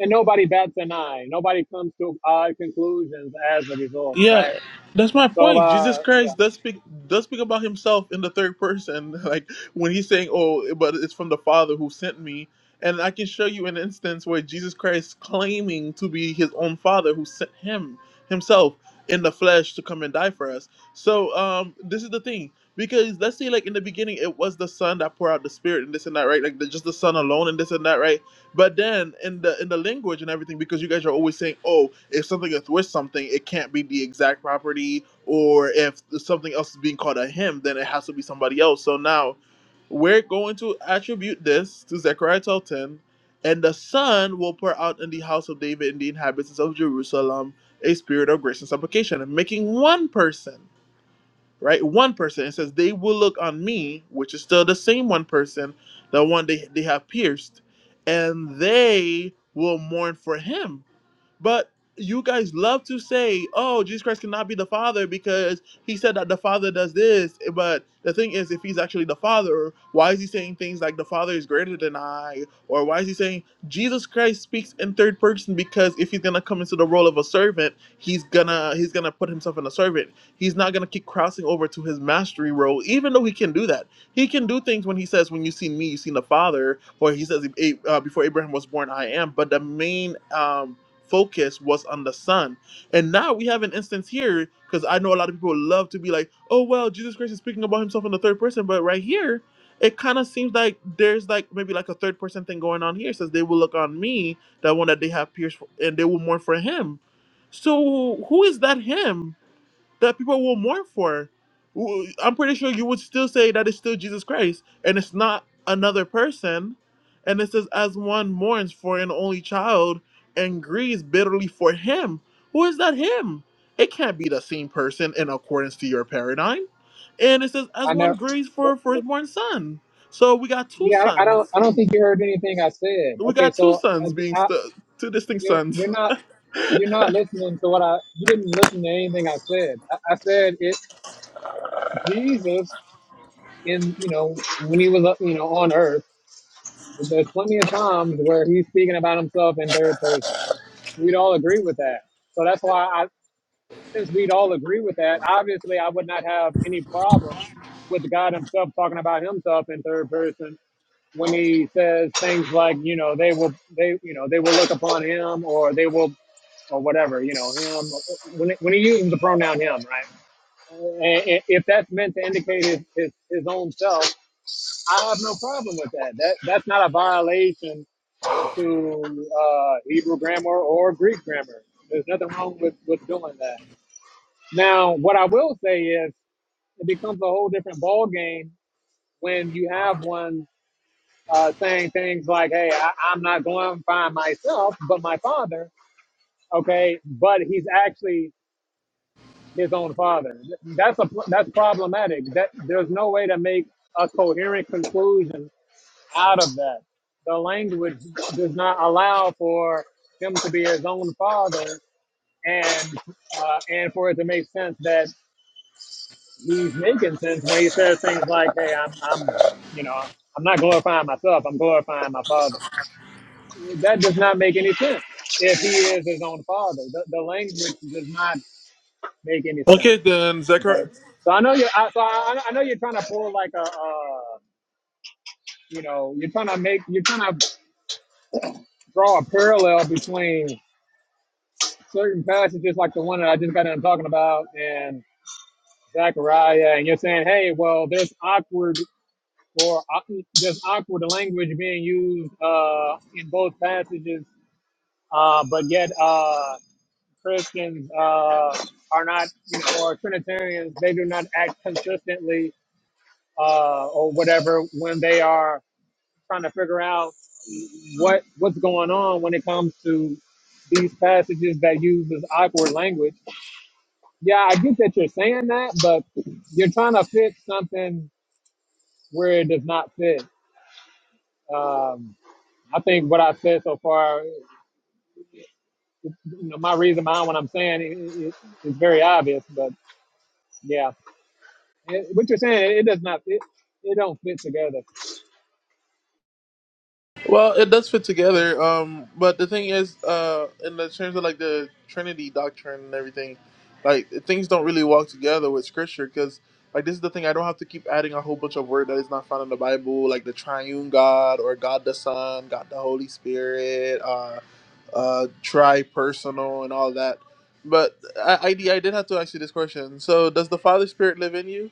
S1: and nobody bats an eye. Nobody comes to odd conclusions as a result,
S2: Yeah,
S1: right?
S2: that's my
S1: So,
S2: point. Jesus
S1: uh, yeah,
S2: Christ does speak does speak about himself in the third person, <laughs> like when he's saying, "Oh, but it's from the Father who sent me." And I can show you an instance where Jesus Christ claiming to be his own Father who sent him himself in the flesh to come and die for us. So um, this is the thing. Because let's say, like in the beginning, it was the Son that poured out the Spirit and this and that, right? Like the, just the Son alone and this and that, right? But then in the in the language and everything, because you guys are always saying, "Oh, if something is with something, it can't be the exact property," or if something else is being called a him, then it has to be somebody else. So now, we're going to attribute this to Zechariah twelve 10, and the Son will pour out in the house of David and the inhabitants of Jerusalem a spirit of grace and supplication, and making one person right? One person. It says, They will look on me, which is still the same one person, the one they, they have pierced, and they will mourn for him but you guys love to say, oh, Jesus Christ cannot be the Father because he said that the Father does this. But the thing is, if he's actually the Father, why is he saying things like the Father is greater than I? Or why is he saying Jesus Christ speaks in third person because if he's gonna come into the role of a servant, he's gonna he's gonna put himself in a servant. He's not gonna keep crossing over to his mastery role, even though he can do that. He can do things when he says, "When you see me, you seen the Father," or he says, "A- uh, "Before Abraham was born, I am." But the main um, focus was on the Son. And now we have an instance here, because I know a lot of people love to be like, oh, well, Jesus Christ is speaking about himself in the third person, but right here, it kind of seems like there's like maybe like a third person thing going on here. It says they will look on me, that one that they have pierced, for, and they will mourn for him. So who is that him? that people will mourn for. W- I'm pretty sure you would still say that it's still Jesus Christ and it's not another person. And it says, as one mourns for an only child and grieves bitterly for him. Who is that him? It can't be the same person in accordance to your paradigm. And it says, as
S1: I
S2: one
S1: never.
S2: grieves for a firstborn son. So we got two
S1: Yeah, I I don't.
S2: sons.
S1: I don't think you heard anything I said.
S2: We
S1: Okay,
S2: got two
S1: so uh,
S2: sons being
S1: I,
S2: stu two distinct
S1: you're,
S2: sons.
S1: you're not. you're not listening to what I you didn't listen to anything I said. I, I said it Jesus in you know when he was uh, you know on earth. There's plenty of times where he's speaking about himself in third person. We'd all agree with that. So that's why I since we'd all agree with that, obviously I would not have any problem with God himself talking about himself in third person when he says things like, you know, they will they you know, they will look upon him or they will or whatever, you know, him when when he uses the pronoun him, right? And if that's meant to indicate his, his, his own self, I have no problem with that. That that's not a violation to uh, Hebrew grammar or Greek grammar. There's nothing wrong with, with doing that. Now, what I will say is, it becomes a whole different ball game when you have one uh, saying things like, "Hey, I, I'm not going to find myself, but my Father." Okay, but he's actually his own father. That's a that's problematic. That there's no way to make a coherent conclusion out of that. The language does not allow for him to be his own father, and uh, and for it to make sense that he's making sense when he says things like, "Hey, I'm I'm you know I'm not glorifying myself. I'm glorifying my father." That does not make any sense if he is his own father. The, the language does not make any sense.
S2: Okay, then,
S1: Okay.
S2: Zechariah.
S1: So I know you I, so I, I know you're trying to pull like a. Uh, you know, you're trying to make. You're trying to draw a parallel between certain passages, like the one that I just got done talking about, and Zechariah, and you're saying, hey, well, there's awkward or uh, there's awkward language being used uh, in both passages, uh, but yet uh, Christians uh, are not, you know, or Trinitarians, they do not act consistently uh, or whatever when they are trying to figure out what what's going on when it comes to these passages that use this awkward language. Yeah, I get that you're saying that, but you're trying to fit something where it does not fit. Um, I think what I've said so far, you know, my reason behind what I'm saying is it, it, is very obvious, but yeah, it, what you're saying, it, does not fit. It don't fit together.
S2: Well, it does fit together. Um, but the thing is, uh, in the terms of like the Trinity doctrine and everything, like things don't really walk together with Scripture because like this is the thing. I don't have to keep adding a whole bunch of word that is not found in the Bible, like the Triune God or God the Son, God the Holy Spirit, uh, uh, tri-personal and all that. But I, I, I did have to ask you this question. So, does the Father Spirit live in you?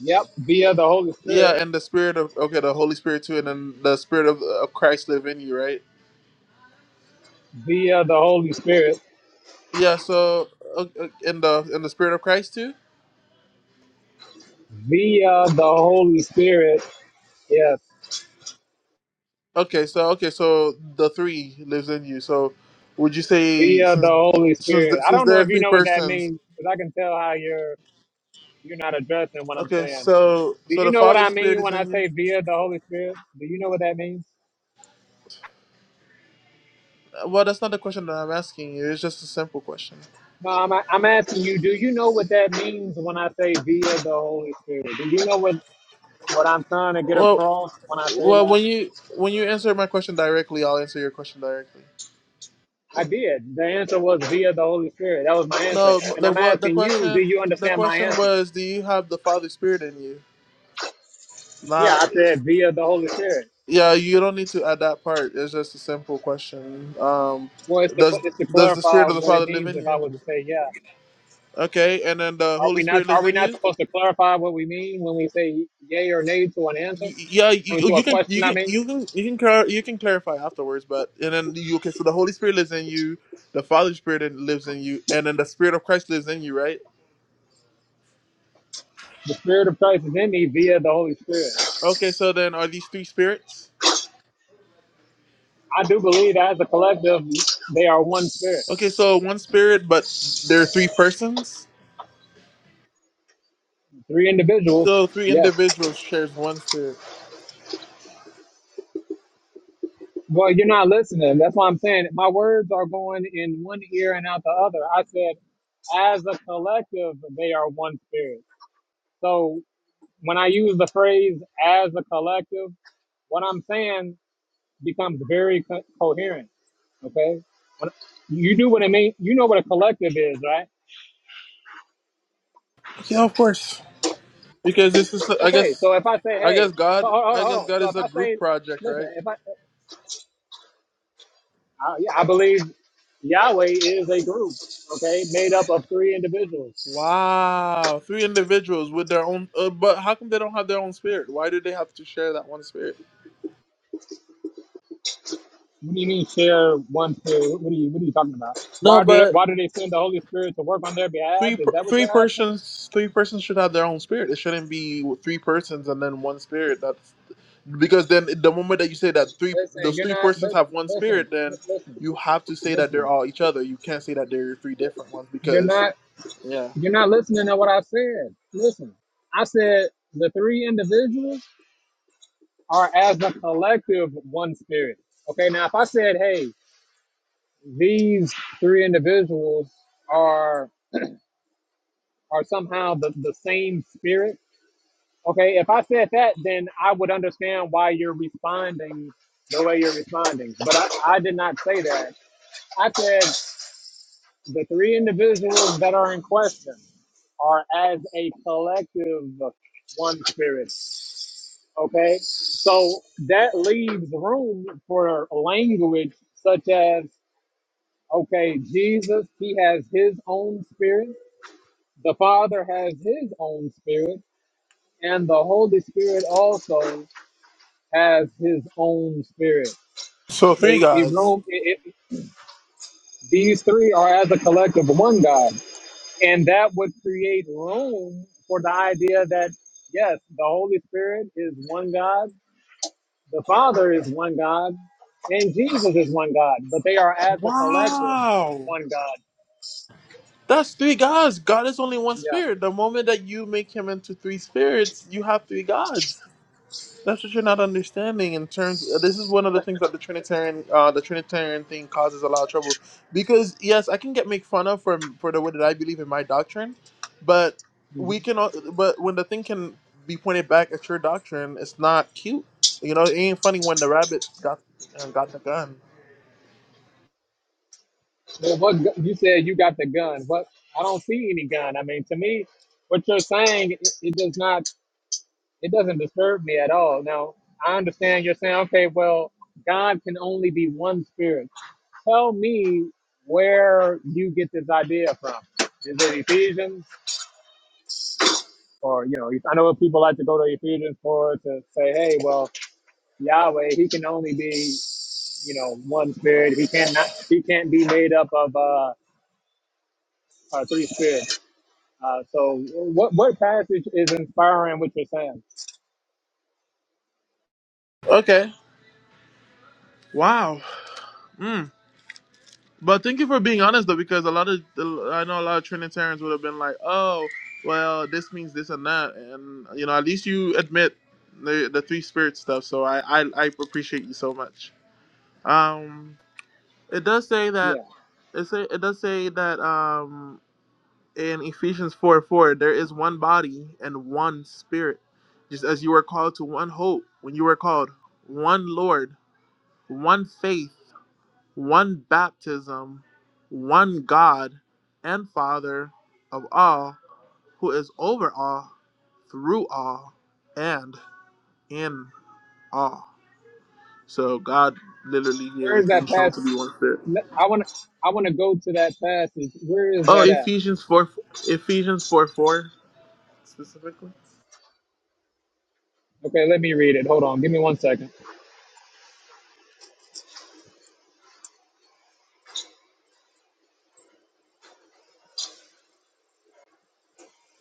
S1: Yep, via the Holy
S2: Yeah,
S1: Spirit,
S2: and the Spirit of okay, the Holy Spirit too, and then the Spirit of, of Christ live in you, right?
S1: via the Holy Spirit,
S2: Yeah, so uh, uh, in the in the spirit of Christ too.
S1: via the Holy Spirit. Yes
S2: Okay, so okay, so the three lives in you. So would you say
S1: Via
S2: since
S1: the Holy
S2: since
S1: Spirit. I
S2: since
S1: don't know
S2: there are
S1: if you
S2: three
S1: know what that
S2: persons?
S1: means, because I can tell how you're you're not addressing what I'm
S2: Okay,
S1: saying.
S2: so
S1: Do
S2: so
S1: you
S2: the
S1: know what I
S2: Father's spirit
S1: mean
S2: is
S1: when I
S2: in you.
S1: say via the Holy Spirit? Do you know what that means?
S2: Uh, Well, that's not the question that I'm asking you. It's just a simple question.
S1: No, I'm I'm asking you. Do you know what that means when I say via the Holy Spirit? Do you know what what I'm trying to get
S2: Well,
S1: across when I say
S2: well,
S1: that?
S2: when you when you answer my question directly, I'll answer your question directly.
S1: I did. The answer was via the Holy Spirit. That was my answer.
S2: No,
S1: And
S2: the
S1: I'm
S2: what the
S1: asking you, do
S2: question
S1: you
S2: the
S1: understand my
S2: question
S1: answer?
S2: was, do you have the Father's spirit in you?
S1: Yeah,
S2: Not.
S1: I said via the Holy Spirit.
S2: Yeah, you don't need to add that part. It's just a simple question. Um,
S1: Well, it's to,
S2: does
S1: it's to
S2: does the
S1: clarify
S2: spirit of the
S1: what it
S2: Father live
S1: means
S2: in
S1: if I
S2: you?
S1: was to say yeah.
S2: Okay, and then the
S1: Are
S2: Holy
S1: we not
S2: Spirit
S1: are
S2: lives
S1: we
S2: in
S1: not
S2: you.
S1: supposed to clarify what we mean when we say yay or nay to an answer?
S2: Y- Yeah,
S1: I mean
S2: you,
S1: to a
S2: you can
S1: question,
S2: you
S1: I
S2: can
S1: mean.
S2: you can you can clar- you can clarify afterwards. But and then you okay, so the Holy Spirit lives in you, the Father Spirit in- lives in you, and then the Spirit of Christ lives in you, right?
S1: The Spirit of Christ is in me via the Holy Spirit.
S2: Okay, so then are these three spirits?
S1: I do believe that as a collective they are one spirit.
S2: Okay, so one spirit, but there are three persons.
S1: Three individuals.
S2: So three
S1: Yes.
S2: individuals shares one spirit.
S1: Well, you're not listening. That's why I'm saying my words are going in one ear and out the other. I said as a collective they are one spirit. So when I use the phrase as a collective, what I'm saying becomes very co- coherent Okay. When- You do what I mean. You know what a collective is, right?
S2: Yeah, of course. Because this is, I
S1: Okay.
S2: guess,
S1: So if I say,
S2: I
S1: hey,
S2: guess
S1: so
S2: God,
S1: hold, hold,
S2: I
S1: hold
S2: guess
S1: on.
S2: God
S1: So
S2: is
S1: if
S2: a
S1: I say,
S2: group project,
S1: listen,
S2: right?
S1: if I, uh, yeah, I believe Yahweh is a group, okay, made up of three individuals.
S2: Wow, three individuals with their own. Uh, but how come they don't have their own spirit? Why do they have to share that one spirit?
S1: What do you mean share one spirit? What are you What are you talking about?
S2: No,
S1: Why do they,
S2: but
S1: Why do they send the Holy Spirit to work on their behalf?
S2: three
S1: Is
S2: per-
S1: that what
S2: three
S1: you're asking?
S2: persons three persons should have their own spirit. It shouldn't be three persons and then one spirit. That's because then the moment that you say that three
S1: Listen,
S2: those
S1: you're
S2: three
S1: not.
S2: persons
S1: lis-
S2: have one
S1: Listen,
S2: spirit,
S1: li-
S2: then
S1: listen,
S2: you have to say that they're
S1: listen.
S2: all each other. You can't say that they're three different ones
S1: You're
S2: because
S1: not.
S2: yeah.
S1: You're not listening to what I said. Listen, I said the three individuals. are as a collective one spirit. Okay, now if I said, hey, these three individuals are are somehow the, the same spirit, okay, if I said that, then I would understand why you're responding the way you're responding. But I, I did not say that. I said the three individuals that are in question are as a collective one spirit. Okay. So that leaves room for language such as Okay, Jesus, he has his own spirit. The Father has his own spirit. And the Holy Spirit also has his own spirit.
S2: So three
S1: Okay, it,
S2: guys.
S1: room, it, it, these three are as a collective one God. And that would create room for the idea that, yes, the Holy Spirit is one God, the Father is one God, and Jesus is one God, but they are as a collective
S2: Wow.
S1: one God.
S2: That's three gods. God is only one
S1: Yeah.
S2: spirit. The moment that you make him into three spirits, you have three gods. That's what you're not understanding in terms. uh, This is one of the things that the Trinitarian, uh, the Trinitarian thing causes a lot of trouble. Because yes, I can get made fun of for for the way that I believe in my doctrine, but
S1: Mm-hmm.
S2: we can. al- But when the thing can be pointed back at your doctrine, it's not cute. You know, it ain't funny when the rabbit got uh, got the gun.
S1: Well, what gu- you said you got the gun. What I don't see any gun. I mean, to me, what you're saying it, it does not it doesn't disturb me at all. Now I understand you're saying, okay, well, God can only be one spirit. Tell me where you get this idea from. Is it Ephesians? Or you know, I know people like to go to Ephesians for it to say, "Hey, well, Yahweh, He can only be, you know, one spirit. He cannot, He can't be made up of uh, uh, three spirits." Uh, so what what passage is inspiring what you're saying?
S2: Okay. Wow. Hmm. But thank you for being honest though, because a lot of I know a lot of Trinitarians would have been like, "Oh, well, this means this and that," and you know, at least you admit the the three spirit stuff. So I I, I appreciate you so much. Um, it does say that
S1: Yeah,
S2: it say it does say that um in Ephesians four four there is one body and one spirit, just as you were called to one hope when you were called, one Lord, one faith one baptism, one God and Father of all, who is over all, through all, and in all. So God literally here
S1: where
S2: is
S1: is
S2: being
S1: that
S2: shown to
S1: passage?
S2: be one spirit.
S1: Let- I want to I want to go to that passage. Where is
S2: Oh,
S1: that at?
S2: Ephesians four, Ephesians four four specifically.
S1: Okay, let me read it. Hold on, give me one second.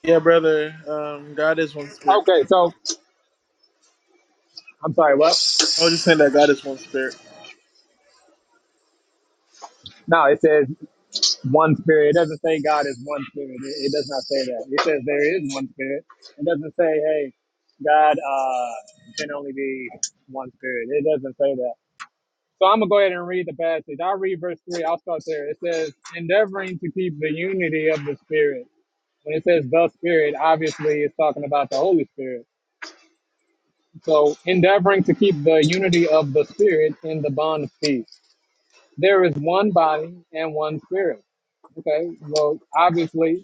S2: Yeah, brother. Um, God is one spirit.
S1: Okay, so I'm sorry. What?
S2: I was just saying that God is one spirit.
S1: No, it says one spirit. It doesn't say God is one spirit. It, it does not say that. It says there is one spirit. It doesn't say hey, God uh, can only be one spirit. It doesn't say that. So I'm gonna go ahead and read the passage. I'll read verse three. I'll start there. It says, "Endeavoring to keep the unity of the Spirit." When it says the Spirit, obviously it's talking about the Holy Spirit. So, endeavoring to keep the unity of the Spirit in the bond of peace. There is one body and one Spirit. Okay. Well, obviously,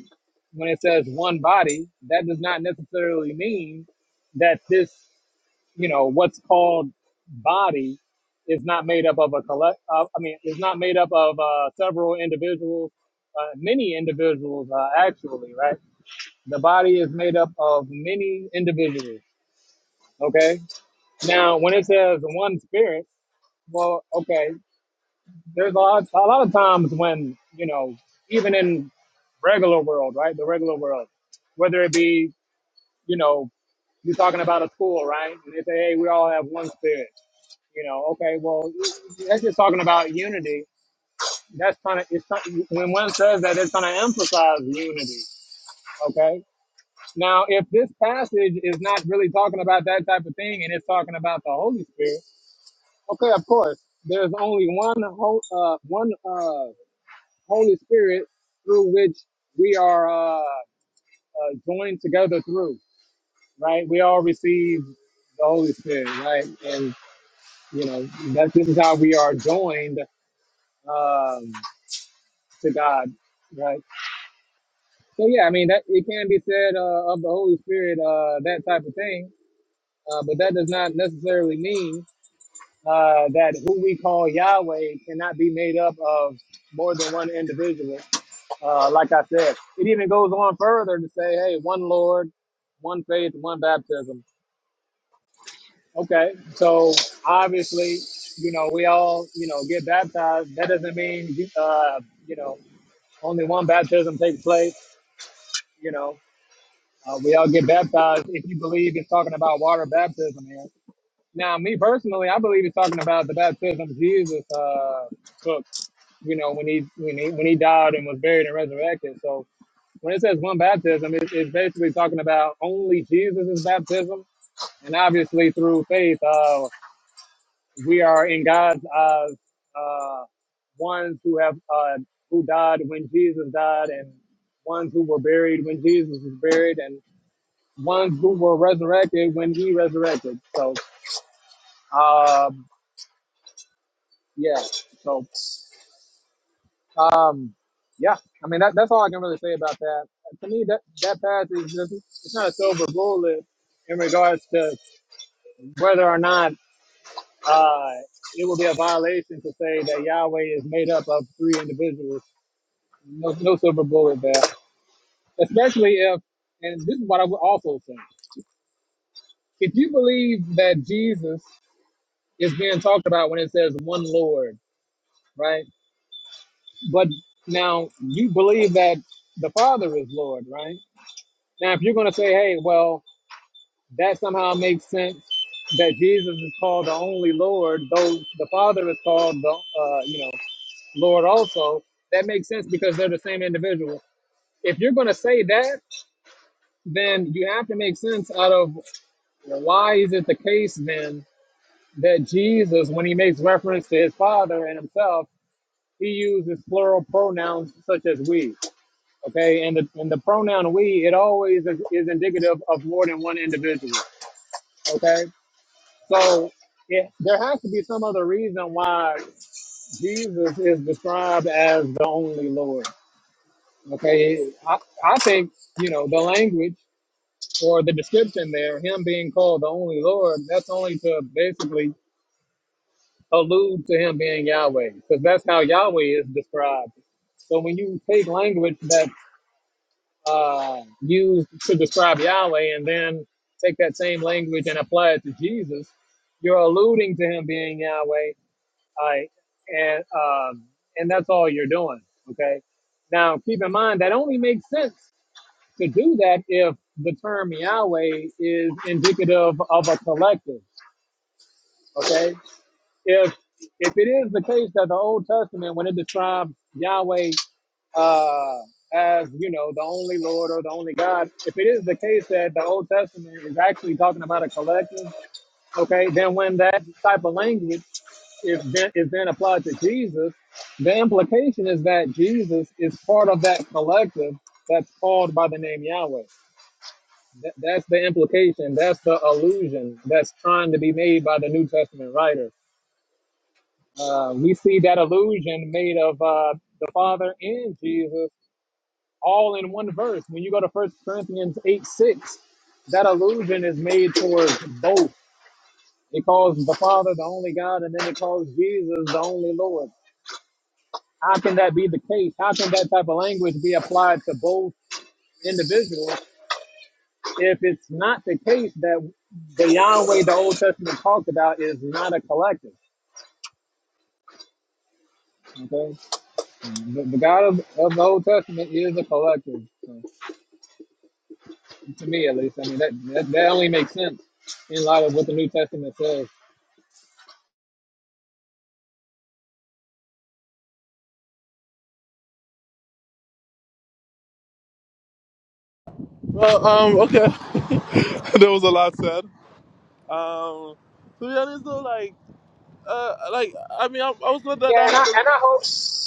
S1: when it says one body, that does not necessarily mean that this you know what's called body is not made up of a collect uh, i mean is not made up of uh, several individuals uh, many individuals uh, actually right the body is made up of many individuals okay now when it says one spirit well okay there's a lot, a lot of times when you know even in regular world right the regular world whether it be you know you're talking about a school right and they say hey we all have one spirit You know, okay, well, that's just talking about unity. That's kind of, it's not, when one says that, it's going to emphasize unity. Okay. Now, if this passage is not really talking about that type of thing and it's talking about the Holy Spirit, okay, of course, there's only one, ho- uh, one uh, Holy Spirit through which we are uh, uh, joined together through, right? We all receive the Holy Spirit, right? And, you know, that, this is how we are joined. Um, to God, right? So yeah, I mean that it can be said uh, of the Holy Spirit uh, that type of thing, uh, but that does not necessarily mean uh, that who we call Yahweh cannot be made up of more than one individual. Uh, like I said, it even goes on further to say, hey, one Lord, one faith, one baptism. Okay, so obviously, you know, we all, you know, get baptized. That doesn't mean, uh, you know, only one baptism takes place. You know, Uh, we all get baptized if you believe it's talking about water baptism here. Now, me personally, I believe it's talking about the baptism Jesus uh, took. You know, when he when he when he died and was buried and resurrected. So when it says one baptism, it, it's basically talking about only Jesus' baptism, and obviously through faith, uh, we are in God's eyes uh, ones who have uh, who died when Jesus died, and ones who were buried when Jesus was buried, and ones who were resurrected when he resurrected. So, um, yeah. So, um, yeah. I mean, that, that's all I can really say about that. To me, that that passage is just it's not a silver bullet in regards to whether or not uh, it will be a violation to say that Yahweh is made up of three individuals. No, no silver bullet there, especially if. And this is what I would also say: if you believe that Jesus is being talked about when it says one Lord, right? But now you believe that the Father is Lord, right? Now, if you're going to say, hey, well, that somehow makes sense that Jesus is called the only Lord, though the Father is called the, uh, you know, Lord also, that makes sense because they're the same individual. If you're going to say that, then you have to make sense out of why is it the case then that Jesus, when he makes reference to his Father and himself, he uses plural pronouns such as we. Okay, and the and the pronoun we it always is, is indicative of more than one individual. Okay, so it, there has to be some other reason why Jesus is described as the only Lord. Okay, I, I think you know the language or the description there, him being called the only Lord, that's only to basically allude to him being Yahweh, because that's how Yahweh is described. So when you take language that uh, used to describe Yahweh and then take that same language and apply it to Jesus, you're alluding to him being Yahweh, I and um, and that's all you're doing. Okay. Now keep in mind that only makes sense to do that if the term Yahweh is indicative of a collective. Okay. If if it is the case that the Old Testament, when it describes Yahweh uh, as you know the only Lord or the only God. If it is the case that the Old Testament is actually talking about a collective, okay, then when that type of language is then, is then applied to Jesus, the implication is that Jesus is part of that collective that's called by the name Yahweh. That, that's the implication. That's the illusion that's trying to be made by the New Testament writer. Uh, we see that illusion made of uh, the Father and Jesus all in one verse. When you go to First Corinthians 8 6, that allusion is made towards both. It calls the Father the only God, and then it calls Jesus the only Lord. How can that be the case? How can that type of language be applied to both individuals if it's not the case that the Yahweh the Old Testament talked about is not a collective? Okay, the, the God of, of the Old Testament is a collective, so, to me at least. I mean, that, that that only makes sense in light of what the New Testament says.
S2: Well, um, okay. <laughs> there was a lot said. Um, to be honest though, like Uh, like I mean, I, I was glad
S1: Yeah,
S2: that I
S1: and I
S2: had to.
S1: and I hope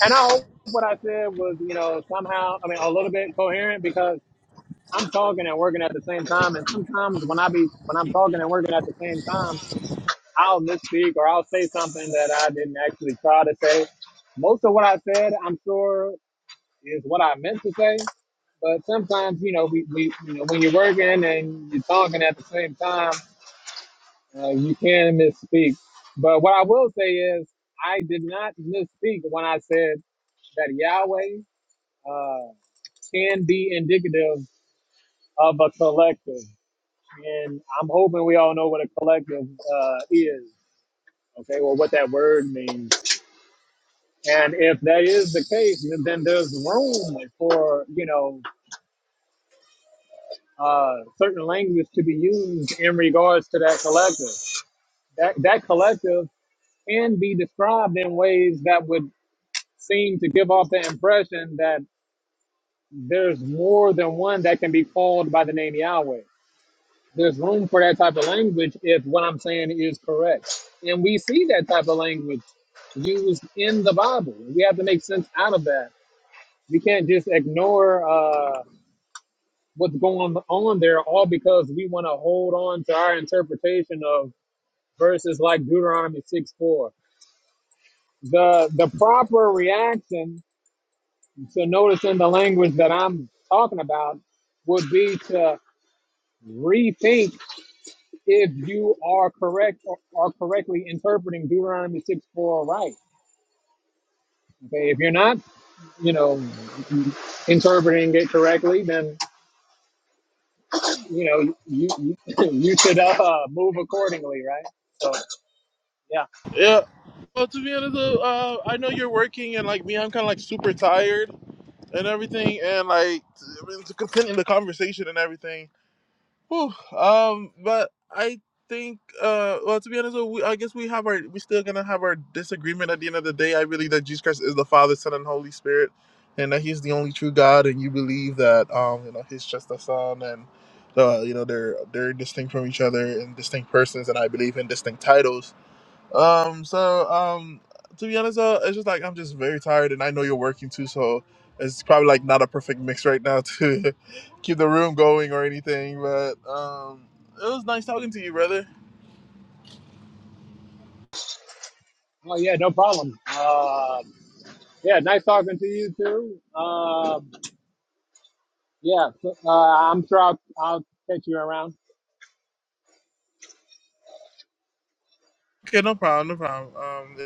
S1: and I hope what I said was, you know, somehow I mean a little bit coherent because I'm talking and working at the same time and sometimes when I be when I'm talking and working at the same time, I'll misspeak or I'll say something that I didn't actually try to say. Most of what I said I'm sure is what I meant to say. But sometimes, you know, we, we you know, when you're working and you're talking at the same time, uh, you can misspeak. But what I will say is I did not misspeak when I said that Yahweh uh, can be indicative of a collective. And I'm hoping we all know what a collective uh, is, okay, or what that word means. And if that is the case, then then there's room for, you know, uh, certain language to be used in regards to that collective. That, that collective can be described in ways that would seem to give off the impression that there's more than one that can be called by the name Yahweh. There's room for that type of language if what I'm saying is correct. And we see that type of language used in the Bible. We have to make sense out of that. We can't just ignore uh, what's going on there all because we want to hold on to our interpretation of verses like Deuteronomy 6 4. The, the proper reaction to notice in the language that I'm talking about would be to rethink if you are correct or are correctly interpreting Deuteronomy 6 4 right. Okay, if you're not, you know, interpreting it correctly, then you know you you, <clears throat> <laughs> you should uh, move accordingly, right? So yeah,
S2: Yeah. Well, to be honest, though, uh, I know you're working, and like me, I'm kind of like super tired and everything, and like I mean, to continue the conversation and everything. Whew, um, but I think, uh, well, to be honest, we, I guess we have our, we still gonna have our disagreement at the end of the day. I believe that Jesus Christ is the Father, Son, and Holy Spirit, and that He's the only true God. And you believe that, um, you know, He's just the Son, and uh, you know, they're they're distinct from each other and distinct persons, and I believe in distinct titles. Um, so um, to be honest, uh, it's just like I'm just very tired, and I know you're working too, so it's probably like not a perfect mix right now to <laughs> keep the room going or anything. But um, it was nice talking to you, brother.
S1: oh yeah, no problem. Uh, yeah, nice talking to you too. Um yeah, so, uh, I'm sure I'll, I'll catch you around.
S2: Okay, no problem, no problem. Um,